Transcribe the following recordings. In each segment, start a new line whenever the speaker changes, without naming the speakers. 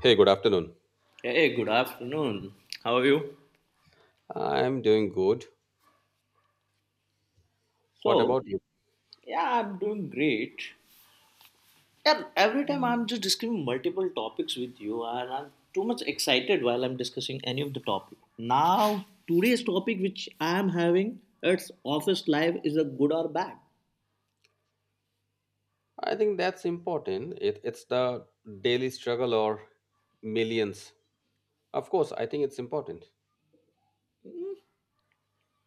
Hey, good afternoon.
Yeah, hey, good afternoon. How are you?
I'm doing good. What
So,
about you?
yeah, I'm doing great. Yeah, every time I'm just discussing multiple topics with you, and I'm too much excited while I'm discussing any of the topic. Now, today's topic which I'm having, it's office life is a good or bad.
I think that's important. It's the daily struggle or millions. Of course, I think it's important.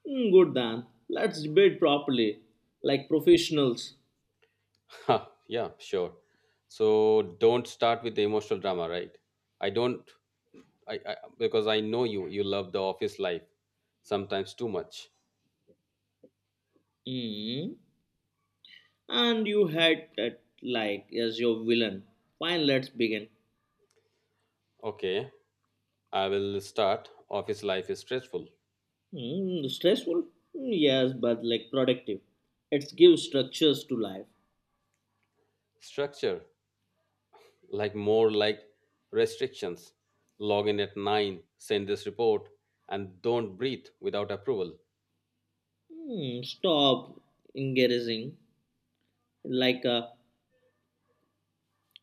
Good then. Let's debate properly, like professionals.
Huh, yeah, sure. So don't start with the emotional drama, right? I don't, I because I know you love the office life sometimes too much.
Hmm. And you had that like as your villain. Fine, let's begin.
Okay, I will start. Office life is stressful.
Stressful? Mm, yes, but like productive. It gives structures to life.
Structure, like more like restrictions, log in at 9, send this report, and don't breathe without approval.
Stop engaging like a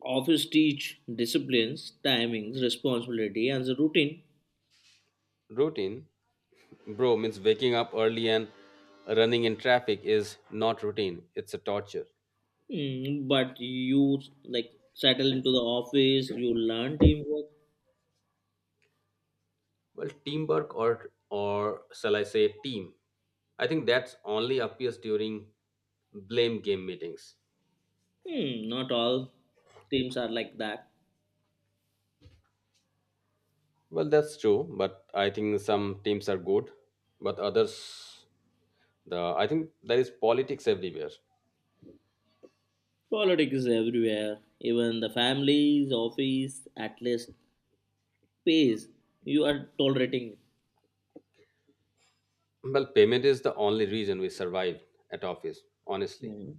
office teach disciplines, timings, responsibility, and the routine.
Routine, bro, means waking up early and running in traffic is not routine, it's a torture.
But you like settle into the office, you learn teamwork.
Well, teamwork, or shall I say team? I think that's only appears during blame game meetings.
Not all teams are like that.
Well, that's true, but I think some teams are good, but others, the I think there is politics everywhere.
Politics is everywhere. Even the families, office, at least pays. You are tolerating.
Well, payment is the only reason we survived at office, honestly.
Mm.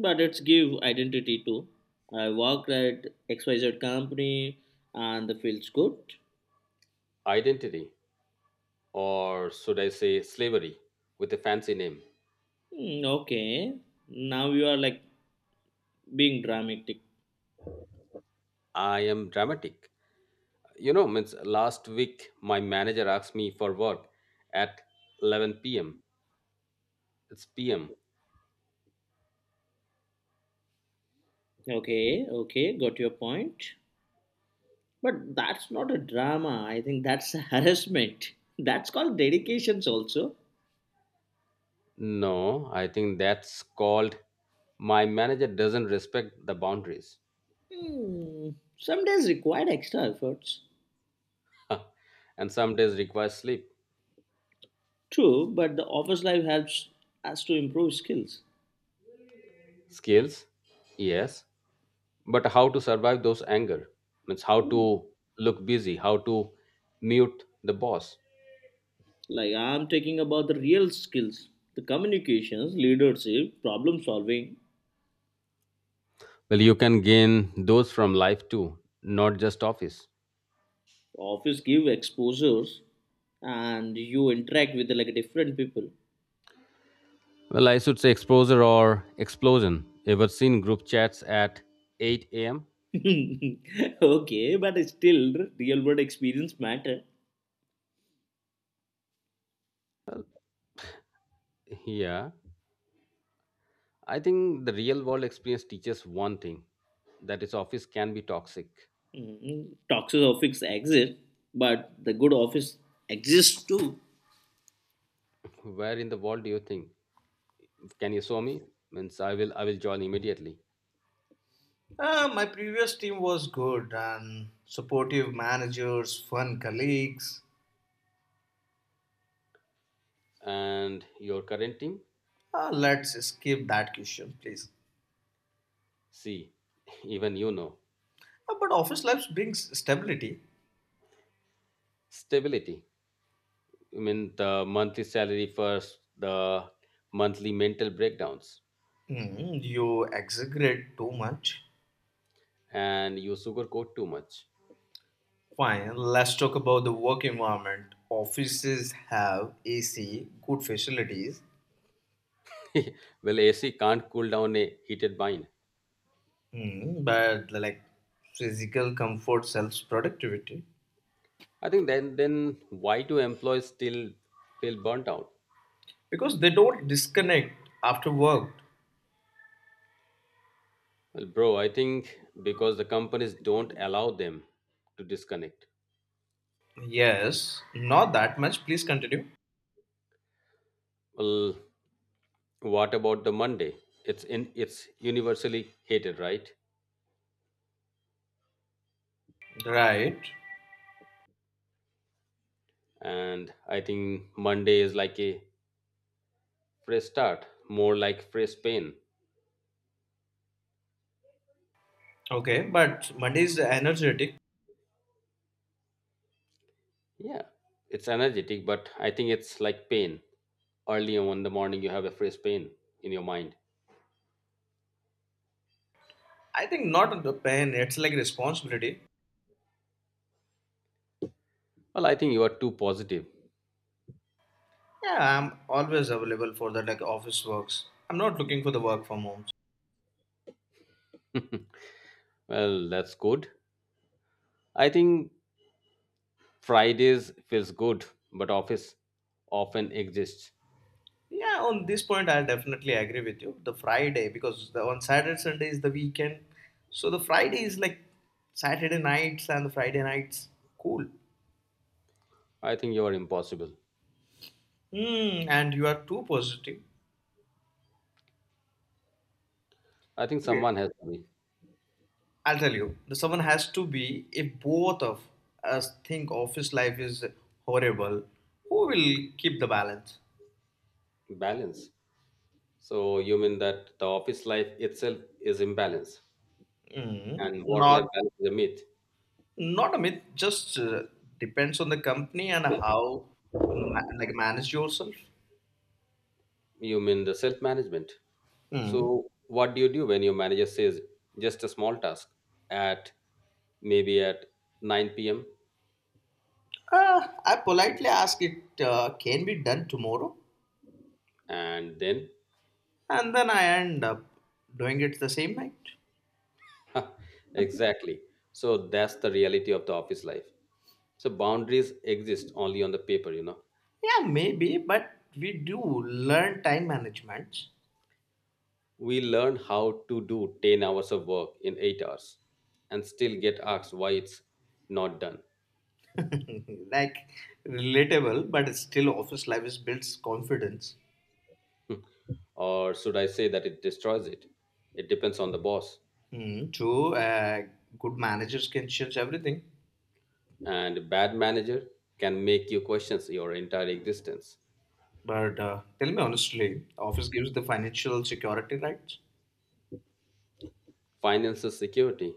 But it's give identity too. I worked at XYZ company and the feels good.
Identity, or should I say slavery, with a fancy name.
Mm, okay. Now you are like being dramatic.
I am dramatic. You know, means last week my manager asked me for work at 11 p.m. It's p.m.
Okay, okay, got your point. But that's not a drama. I think that's harassment. That's called dedications also.
No, I think that's called my manager doesn't respect the boundaries.
Hmm. Some days require extra efforts.
And some days requires sleep.
True, but the office life helps us to improve skills.
Skills? Yes, but how to survive those anger, means how to look busy, how to mute the boss.
Like, I'm talking about the real skills, the communications, leadership, problem solving.
Well, you can gain those from life too, not just office.
Office give exposures, and you interact with like different people.
Well, I should say exposure or explosion. Ever seen group chats at 8 a.m.?
Okay, but still real world experience matter.
Yeah, I think the real world experience teaches one thing, that is office can be toxic.
Mhm. Toxic office exist, but the good office exists too.
Where in the world do you think? Can you show me? Means I will join immediately.
My previous team was good and supportive managers, fun colleagues.
And your current team?
Let's skip that question, please.
See, even you know.
But office life brings stability.
Stability. I mean, the monthly salary first, the monthly mental breakdowns,
You exaggerate too much.
and you sugarcoat too much.
Fine, let's talk about the work environment. Offices have AC, good facilities,
Well, AC can't cool down a heated mind.
but like physical comfort sells productivity
I think then why do employees still feel burnt out?
because they don't disconnect after work.
Well, bro, I think because the companies don't allow them to disconnect.
Yes, not that much. Please continue.
Well, what about the Monday? It's universally hated, right?
Right.
And I think Monday is like a fresh start, more like fresh pain.
Okay. Monday is energetic.
Yeah, it's energetic, but I think it's like pain. Early on in the morning, you have a fresh pain in your mind.
I think not the pain, it's like responsibility.
Well, I think you are too positive.
Yeah, I'm always available for the like office works. I'm not looking for the work from homes.
Well, that's good. I think Fridays feels good, but office often exists.
Yeah, on this point, I'll definitely agree with you. The Friday, because on Saturday, Sunday is the weekend. So the Friday is like Saturday nights and the Friday nights. Cool.
I think you are impossible.
And you are too positive.
I think
Okay.
someone has to be
I'll tell you, the someone has to be, if both of us think office life is horrible, who will keep the balance?
balance. So you mean that the office life itself is imbalance,
Mm,
and
not.
work-life balance is a myth.
Not a myth, just depends on the company and how like manage yourself.
You mean the self-management?
Hmm.
So, what do you do when your manager says just a small task at maybe at 9 p.m.?
I politely ask it can be done tomorrow,
And then
and then I end up doing it the same night.
exactly. So that's the reality of the office life. So boundaries exist only on the paper, you know.
Yeah, maybe, but we do learn time management.
We learn how to do 10 hours of work in 8 hours and still get asked why it's not done.
Like relatable, but still office life is builds confidence.
Or should I say that it destroys it? It depends on the boss.
Hmm. So good managers can change everything.
And a bad manager can make you question your entire existence.
But tell me honestly, office gives the financial security, right?
Financial security,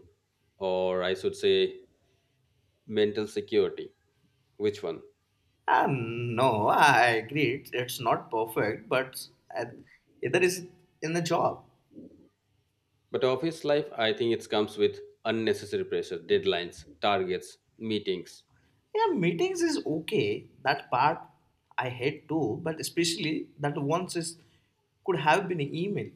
or I should say mental security. Which one?
Ah, no, I agree. It's not perfect, but at, either is in the job.
But office life, I think it comes with unnecessary pressure, deadlines, targets, meetings.
Yeah, meetings is okay. That part I hate too, but especially that once is could have been email.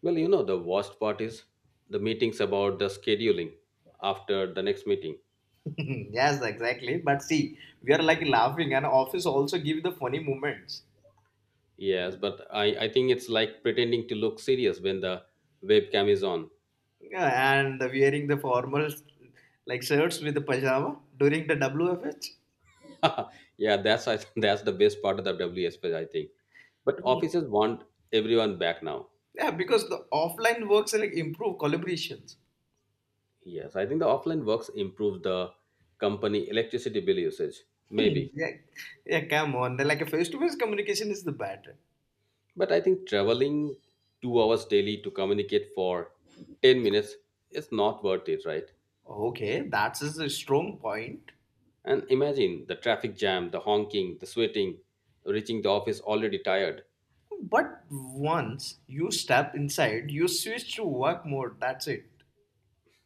Well, you know, the worst part is the meetings about the scheduling after the next meeting.
Yes, exactly. But see, we are like laughing, and office also give the funny moments.
Yes, but I think it's like pretending to look serious when the webcam is on.
Yeah, and wearing the formal like shirts with the pajama during the WFH.
Yeah, that's the best part of the WSP, I think. But offices want everyone back now.
Yeah, because the offline works like improve collaborations.
Yes, I think the offline works improves the company electricity bill usage,
Hmm,
maybe.
yeah, yeah, come on. They're like a face-to-face communication is the better.
But I think traveling 2 hours daily to communicate for 10 minutes is not worth it, right?
Okay, that is a strong point.
And imagine the traffic jam, the honking, the sweating, reaching the office already tired.
But once you step inside, you switch to work mode. That's it.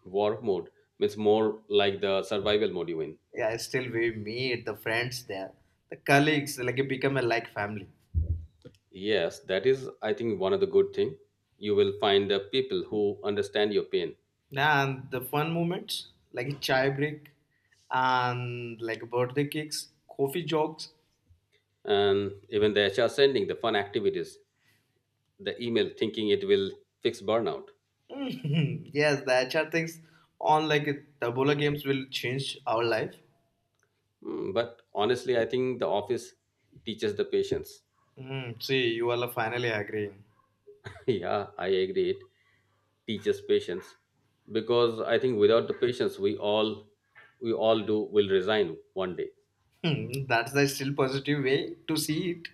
Work mode means more like the survival mode you in.
Yeah, still we meet the friends there, the colleagues. Like it become a like family.
Yes, that is, I think, one of the good thing. You will find the people who understand your pain,
Yeah, and the fun moments like a chai break and like birthday cakes, coffee jogs.
and even the HR sending the fun activities, the email thinking it will fix burnout.
Mhm. Yes, the HR things on like the bola games will change our life.
Hmm, but honestly, I think the office teaches the patience.
See, you all are finally agreeing.
Yeah, I agree. It teaches patience, because I think without the patience, we all do will resign one day.
That's the still positive way to see it.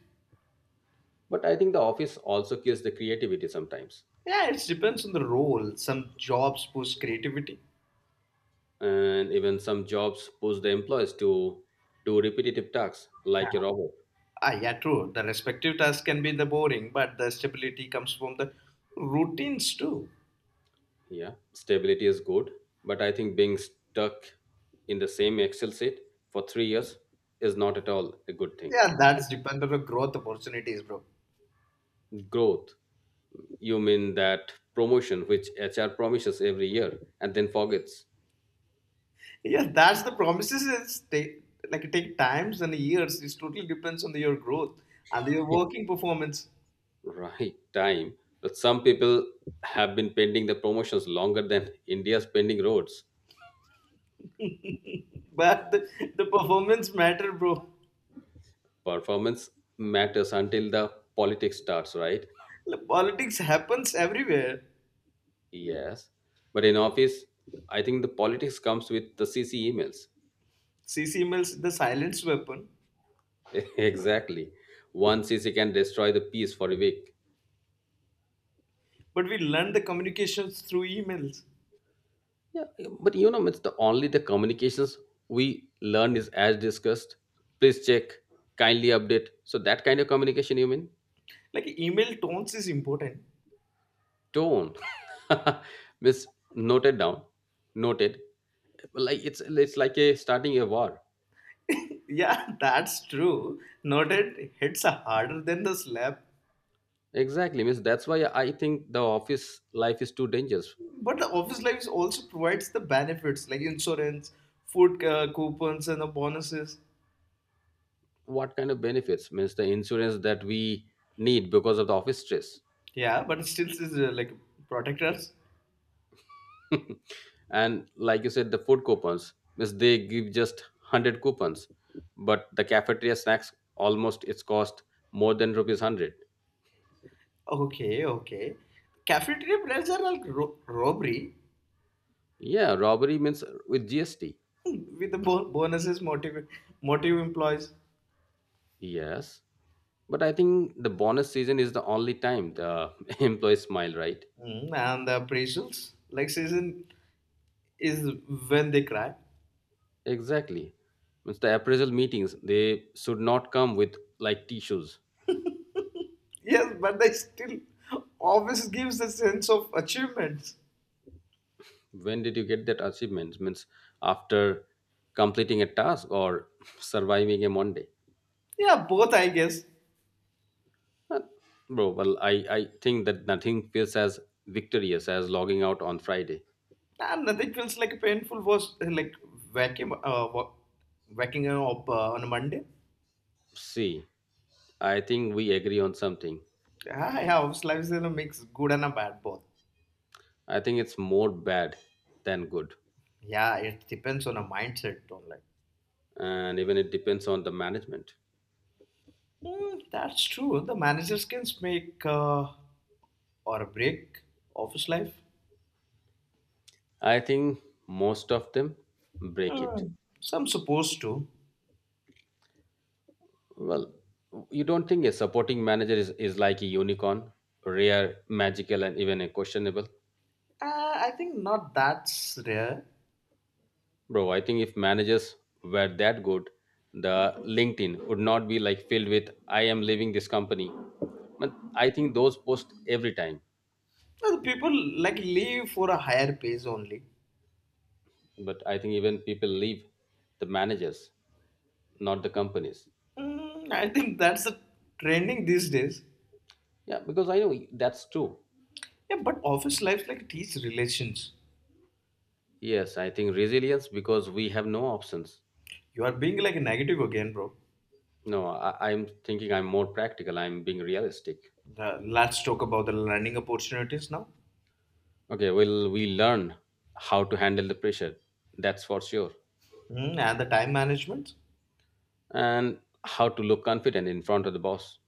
But I think the office also kills the creativity sometimes,
Yeah, it depends on the role. Some jobs push creativity.
and even some jobs push the employees to do repetitive tasks like a robot.
Ah, yeah, true. The respective tasks can be the boring, but the stability comes from the routines too.
Yeah, stability is good, but I think being stuck in the same Excel sheet for 3 years is not at all a good thing.
Yeah, that's depend on the growth opportunities, bro.
Growth, you mean that promotion which HR promises every year and then forgets.
Yeah, that's the promises. It's take, like it take times and years. It totally depends on your growth and your
Yeah.
working performance.
Right time. But some people have been pending the promotions longer than India's pending roads.
But the performance matter, bro.
Performance matters until the politics starts, right?
Like, politics happens everywhere.
Yes. But in office, I think the politics comes with the CC emails.
CC emails the silence weapon,
Exactly. One CC can destroy the peace for a week.
but we learn the communications through emails.
Yeah, but you know, it's the only the communications we learn is as discussed. Please check, kindly update. So that kind of communication you mean?
Like email tones is important.
Tone. Miss noted down. Noted. Like it's like a starting a war.
Yeah, that's true. Noted hits are harder than the slap.
Exactly, Miss. That's why I think the office life is too dangerous.
But the office life also provides the benefits like insurance, food coupons, and the bonuses.
What kind of benefits? Means the insurance that we need because of the office stress.
Yeah, but still is like protectors.
And like you said, the food coupons means they give just 100 coupons, but the cafeteria snacks almost it's cost more than rupees 100.
Okay, okay. Cafeteria plans are like robbery
Yeah, robbery means with GST.
with the bonuses motive employees.
Yes, but I think the bonus season is the only time the employees smile, right?
And the appraisals. Like season is when they cry.
Exactly, means the appraisal meetings they should not come with like tissues.
Yes, but they still always gives a sense of achievements.
When did you get that achievement? Means after completing a task, or surviving a Monday?
Yeah, both I guess.
Uh, Bro, well, I think that nothing feels as victorious as logging out on Friday.
Nah, nothing feels like painful was like vacuum waking up on a Monday.
See, I think we agree on something.
Yeah, yeah, house life is in a mix, good and a bad both.
I think it's more bad than good.
Yeah, it depends on a mindset, don't like.
And even it depends on the management.
That's true. The managers can make or break office life.
I think most of them break it.
Hmm, some supposed to.
Well, you don't think a supporting manager is like a unicorn, rare, magical, and even a questionable?
I think not that's rare.
Bro, I think if managers were that good, the LinkedIn would not be like filled with I am leaving this company. But I think those post every time.
People like leave for a higher pace only.
But I think even people leave the managers, not the companies.
I think that's the trending these days.
Yeah, because I know that's true.
Yeah, but office life like teach relations.
Yes, I think resilience, because we have no options.
You are being like negative again, bro.
No, I'm thinking I'm more practical. I'm being realistic.
Let's talk about the learning opportunities now.
Okay, well, we learn how to handle the pressure. That's for sure.
And the time management.
And how to look confident in front of the boss.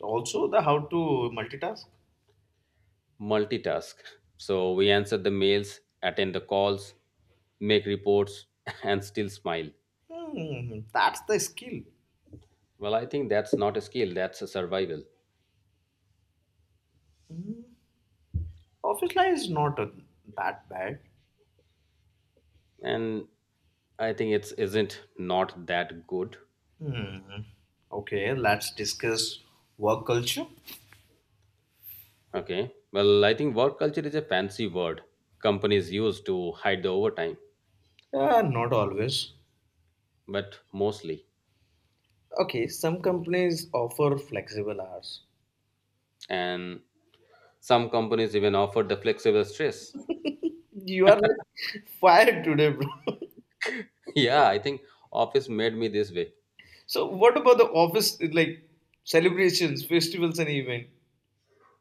Also, the how to multitask.
Multitask. So we answer the mails, attend the calls, make reports, and still smile.
That's the skill.
Well, I think that's not a skill, that's a survival.
Office life is not that bad.
And I think it's isn't not that good.
Hmm. Okay, let's discuss work culture.
Okay. Well, I think work culture is a fancy word companies use to hide the overtime,
Not always.
but mostly.
Okay, some companies offer flexible hours.
And some companies even offer the flexible stress.
You are like fired today, bro.
Yeah, I think office made me this way.
So what about the office like celebrations, festivals, and event?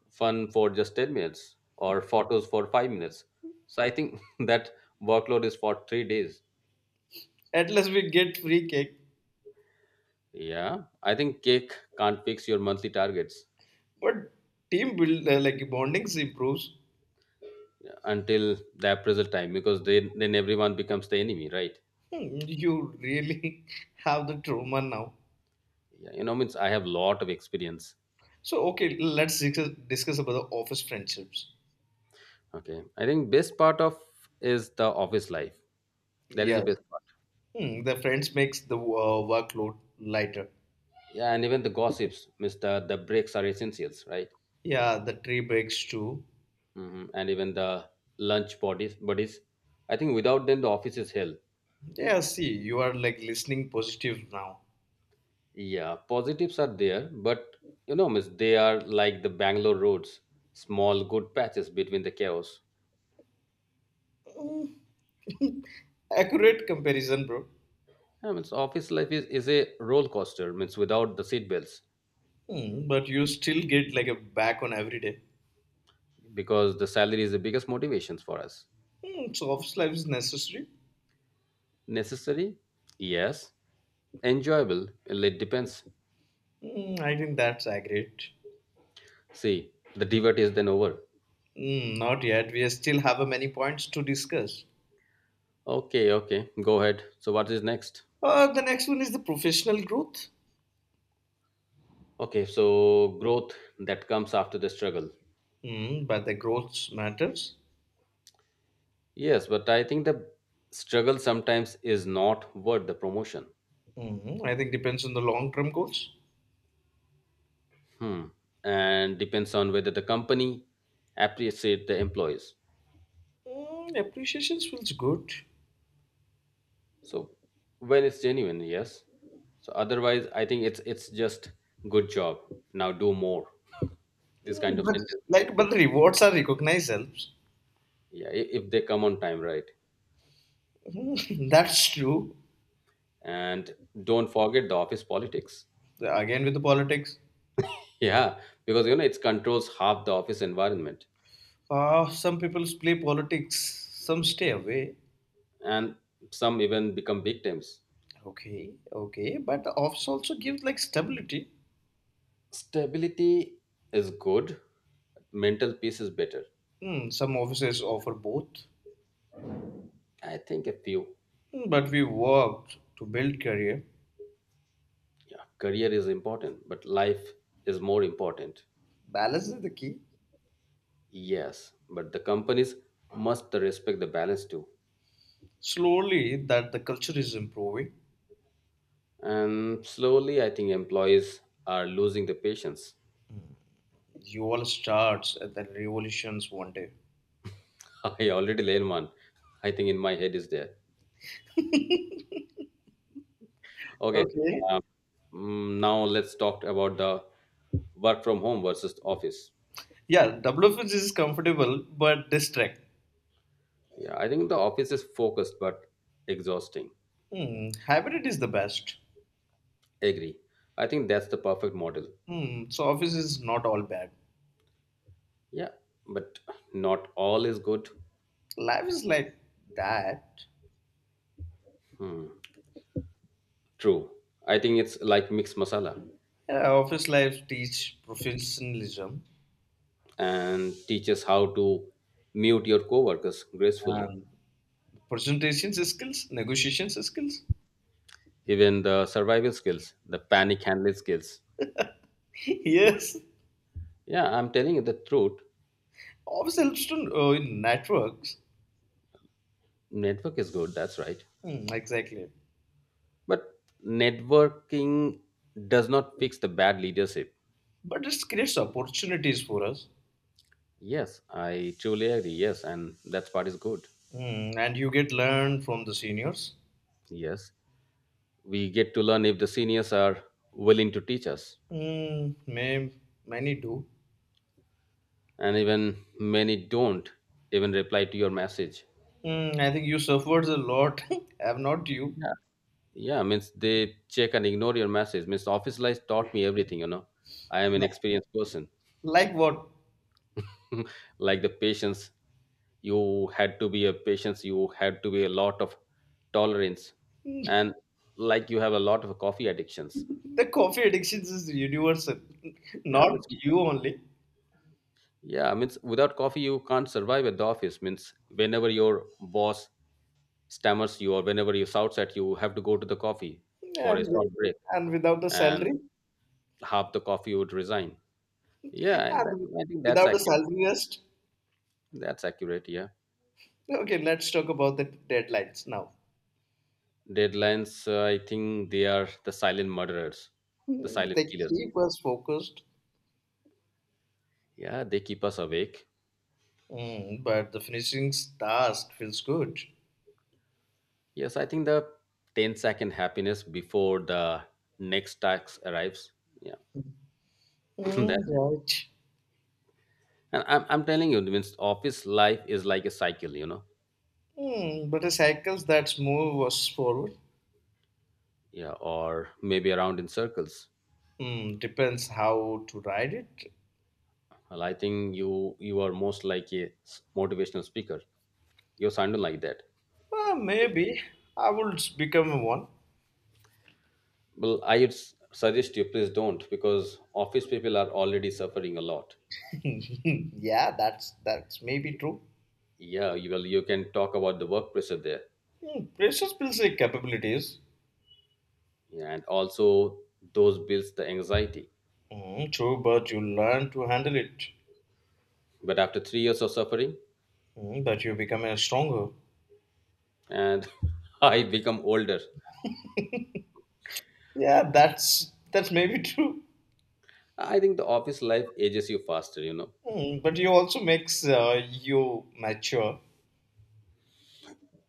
Fun for just 10 minutes or photos for 5 minutes, so I think that workload is for 3 days.
At least we get free cake,
Yeah, I think cake can't fix your monthly targets
but team build like bondings improves.
until the appraisal time, because then everyone becomes the enemy, right?
Hmm, You really have the trauma now.
Yeah, you know, means I have lot of experience.
So okay, let's discuss about the office friendships.
Okay, I think best part of is the office life. That is the
Yes,
best part.
The friends makes the workload lighter.
Yeah, and even the gossips, Mister. The breaks are essentials, right?
Yeah, the tree breaks too.
Hmm, and even the lunch bodies, I think without them the office is hell.
Yeah, see, you are like listening positive now.
Yeah, positives are there, but you know, miss, they are like the Bangalore roads, small good patches between the chaos.
Hmm, Accurate comparison, bro.
I mean, office life is a roller coaster, means without the seatbelts,
But you still get like a back on every day.
because the salary is the biggest motivations for us.
So office life is necessary.
Necessary? Yes. Enjoyable? Well, it depends.
I think that's accurate.
See, the divert is then over.
Not yet. We still have many points to discuss.
Okay, okay, go ahead. So, what is next?
The next one is the professional growth,
Okay, so growth, that comes after the struggle.
but the growth matters.
Yes, but I think the struggle sometimes is not worth the promotion.
I think depends on the long term goals.
Hmm. And depends on whether the company appreciate the employees.
Appreciation feels good,
So when it's genuine, yes. So otherwise, I think it's just good job. Now do more. This kind of
But
sentence.
like but the rewards are recognized helps.
Yeah, if they come on time, right.
Mm, that's true.
And don't forget the office politics.
Again with the politics,
Yeah, because you know it controls half the office environment,
some people play politics, some stay away.
and some even become victims.
Okay, okay, but the office also gives like stability.
Stability is good, mental peace is better.
Some offices offer both,
I think a few.
But we worked to build career.
Yeah, career is important, but life is more important.
Balance is the key.
Yes, but the companies must respect the balance too.
Slowly that the culture is improving.
And slowly, I think employees are losing the patience.
You all starts at the revolutions one day.
I already learned one. I think in my head is there. Okay,
Okay.
um, now let's talk about the work from home versus office.
Yeah, WFS is comfortable but distract.
Yeah, I think the office is focused but exhausting.
Hybrid is the best.
Agree. I think that's the perfect model.
So office is not all bad.
Yeah, but not all is good.
Life is like that.
Hmm. True. I think it's like mixed masala,
Yeah, office life teach professionalism
and teaches how to mute your coworkers gracefully.
and presentation skills, negotiation skills.
Even the survival skills, the panic handling skills.
Yes,
Yeah, I'm telling you the truth.
office helps to in networks.
Network is good, that's right.
Hmm, exactly,
But networking does not fix the bad leadership.
but it creates opportunities for us.
Yes, I truly agree. Yes, and that part is good.
And you get learned from the seniors.
Yes. We get to learn if the seniors are willing to teach us,
Hmm. Many do.
and even many don't even reply to your message.
Hmm. I think you suffered a lot. Have not you?
Yeah. Yeah means they check and ignore your message, means office life taught me everything. I am an experienced person.
Like what?
Like the patience. You had to be a patience, you had to be a lot of tolerance, and like you have a lot of coffee addictions.
The coffee addiction is universal,
yeah means
not you only.
yeah means without coffee you can't survive at the office, means whenever your boss stammers you, or whenever you shouts at, you have to go to the coffee for a
And,
short
with,
break,
and without the
and
salary,
half the coffee would resign. Yeah, and that,
and
I think that's
without the
accurate.
salary rest.
That's accurate, yeah.
Okay, let's talk about the deadlines now.
Deadlines, I think they are the silent murderers, the silent
They
killers.
keep us focused.
Yeah, they keep us awake.
Hmm. But the finishing task feels good.
Yes, I think the ten-second happiness before the next tax arrives. Yeah.
Mm,
That,
right.
and I'm telling you, means office life is like a cycle.
But a cycle that moves forward.
Yeah, or maybe around in circles.
Depends how to ride it.
Well, I think you are most like a motivational speaker. You sound like that.
Well, maybe I will become one.
Well, I would suggest you please don't, because office people are already suffering a lot.
Yeah, that's maybe true.
Yeah, well, you can talk about the work pressure there,
Precious builds your capabilities.
yeah, and also those builds the anxiety.
Hmm, true, but you learn to handle it.
But after 3 years of suffering,
But you become a stronger.
and I become older,
Yeah, that's maybe true.
I think the office life ages you faster.
But you also makes you mature.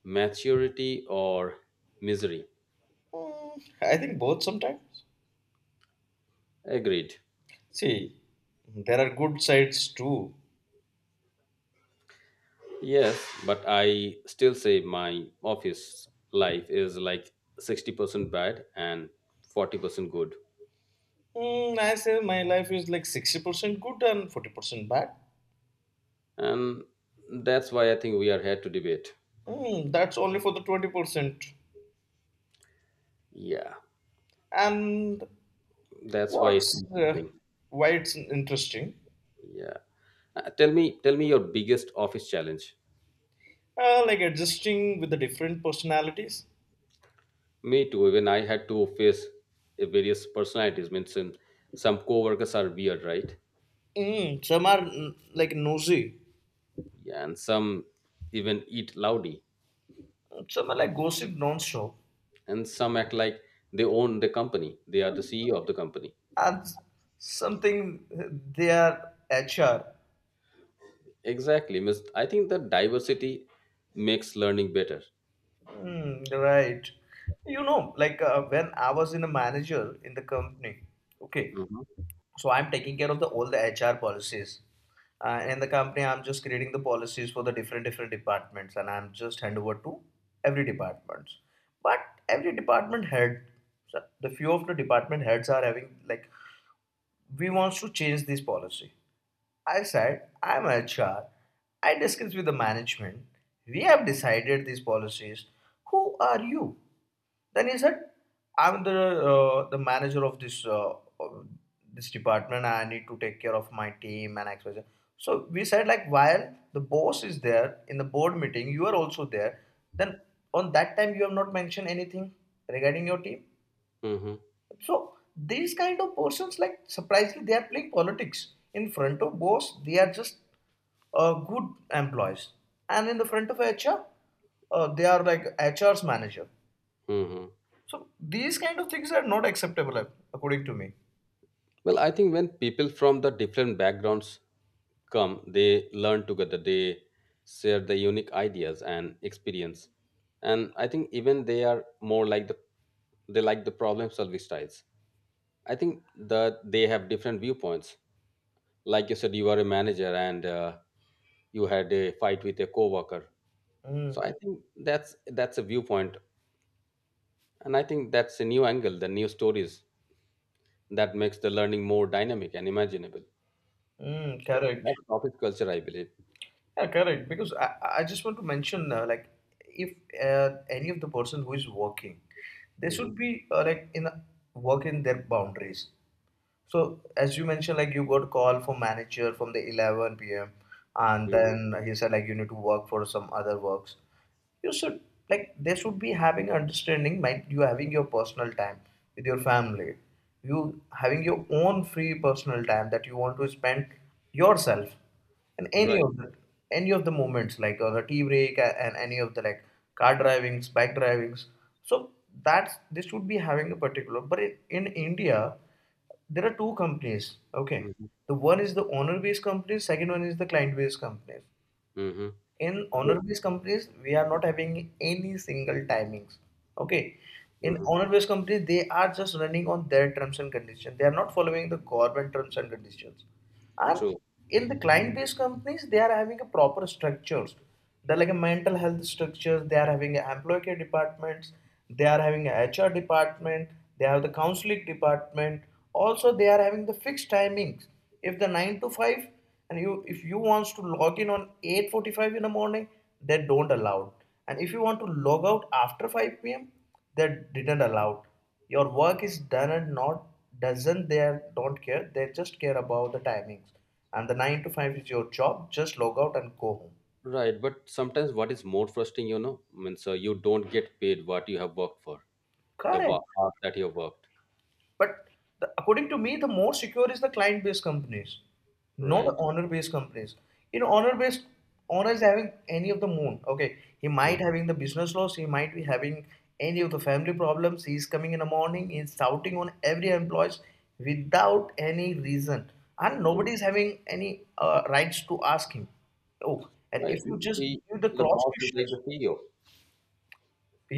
Maturity or misery.
I think both sometimes.
Agreed.
See, there are good sides too.
Yes, but I still say my office life is like 60% bad and 40% good.
I say my life is like 60% good and 40% bad.
And that's why I think we are here to debate.
That's only for the 20%.
Yeah,
And
that's why it's
what's
interesting.
why it's interesting?
Yeah. Tell me your biggest office challenge.
Like adjusting with the different personalities.
Me too, even I had to face various personalities, means some coworkers are weird, right?
Some are like nosy,
Yeah, and some even eat loudly,
some are like gossip non-stop,
and some act like they own the company. They are the CEO of the company.
and something they are HR.
Exactly. I think that diversity makes learning better.
Mm, right. You know, like when I was in a manager in the company, okay,
Mhm.
so I'm taking care of the all the HR policies and in the company I'm just creating the policies for the different different departments, and I'm just hand over to every departments. But every department head, so the few of the department heads are having like we wants to change this policy. I said, I'm HR. I discussed with the management. We have decided these policies. Who are you? Then he said, I'm the manager of uh, this department. I need to take care of my team and XYZ. So we said like while the boss is there in the board meeting, you are also there. Then on that time you have not mentioned anything regarding your team.
Mhm.
So these kind of persons, like surprisingly, they are playing politics in front of boss. They are just good employees, and in the front of HR, they are like HR's manager.
Mhm.
So these kind of things are not acceptable, according to me.
Well, I think when people from the different backgrounds come, they learn together. They share the unique ideas and experience, and I think even they are more like they like the problem solving styles. I think that they have different viewpoints. Like you said, you are a manager, and you had a fight with a coworker. So I
Mm,
think that's a viewpoint, and I think that's a new angle, the new stories that makes the learning more dynamic and imaginable.
mm, correct.
That's office culture, I believe.
Yeah, correct. Because I just want to mention like if any of the person who is working, they
Hmm.
should be like in work in their boundaries. So as you mentioned, like you got call from manager from the 11 p.m. and
Hmm.
then he said like you need to work for some other works, you should, like they should be having understanding like you having your personal time with your family, you having your own free personal time that you want to spend yourself, and
Right.
any of the moments like on the tea break and any of the like car drivings, bike drivings. So that's they should be having a particular, but in india there are two companies, okay.
Hmm.
The one is the owner based companies, second one is the client based companies.
Hmm.
In
True.
honor-based companies we are not having any single timings, okay. In
Hmm.
honor-based companies they are just running on their terms and conditions, they are not following the government terms and conditions. And
True.
in the client-based companies they are having a proper structures, they're like a mental health structures, they are having a employee care departments, they are having a hr department, they have the counseling department, also they are having the fixed timings, if the 9 to 5. And you if you wants to log in on 8:45 in the morning they don't allow, and if you want to log out after 5 p.m. they didn't allow. Your work is done and not, doesn't, they are- don't care, they just care about the timings. And the 9 to 5 is your job, just log out and go home.
Right, but sometimes what is more frustrating, means you don't get paid what you have worked for, the work
Correct.
that you have worked.
But according to me, the more secure is the client-based companies, not
Right.
the honor-based companies. You know, honor-based, honor is having any of the moon. Okay, he
Mhm.
might having the business loss. He might be having any of the family problems. He is coming in the morning. He is shouting on every employees without any reason, and nobody is having any rights to ask him. Oh, and if
Right,
you just
the,
give the
the
cross
boss is like
questions.
the CEO.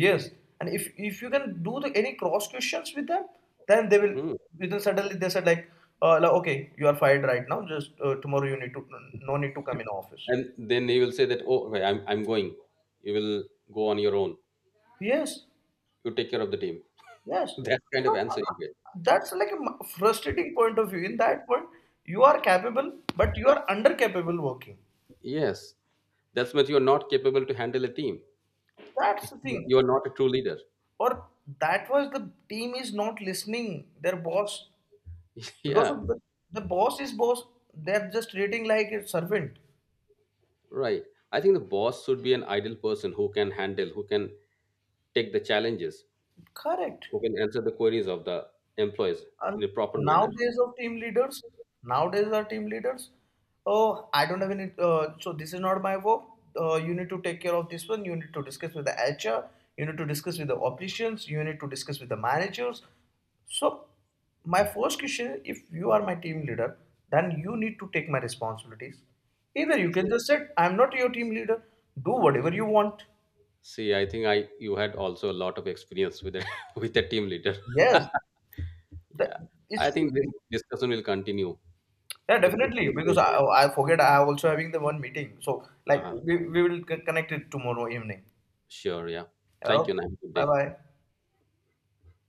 Yes, and if you can do any cross questions with them, then they will.
Hmm.
Then suddenly they said like, okay, you are fired right now. Just tomorrow you need to, no need to come in office.
And then he will say that, oh okay, I'm going, you will go on your own,
Yes,
you take care of the team.
yes.
That kind of
So
answer, you.
that's like a frustrating point of view. In that point, you are capable, but you are under capable working.
Yes, that's when you're not capable to handle a team.
That's the thing.
You are not a true leader.
Or that was the team is not listening their boss, because
Yeah,
of the boss is boss. They're just treating like a servant.
right. I think the boss should be an ideal person who can handle, who can take the challenges,
Correct.
who can answer the queries of the employees in
And
a proper manner.
nowadays of team leaders, nowadays our team leaders, oh, I don't have any, so this is not my work. You need to take care of this one. You need to discuss with the HR. You need to discuss with the operations. You need to discuss with the managers. So, my first question, if you are my team leader, then you need to take my responsibilities. Either you can
True.
just say, I'm not your team leader. Do whatever you want.
See, I think I you had also a lot of experience with a with a team leader.
Yes, that
Yeah,
it
I
should
think this
be.
discussion will continue.
Yeah,
It's, it's,
definitely. Because I forget I am also having the one meeting. So like
uh-huh.
we will connect it tomorrow evening.
Sure. Yeah. Thank you,
Okay.
and have a good
Bye
day.
bye.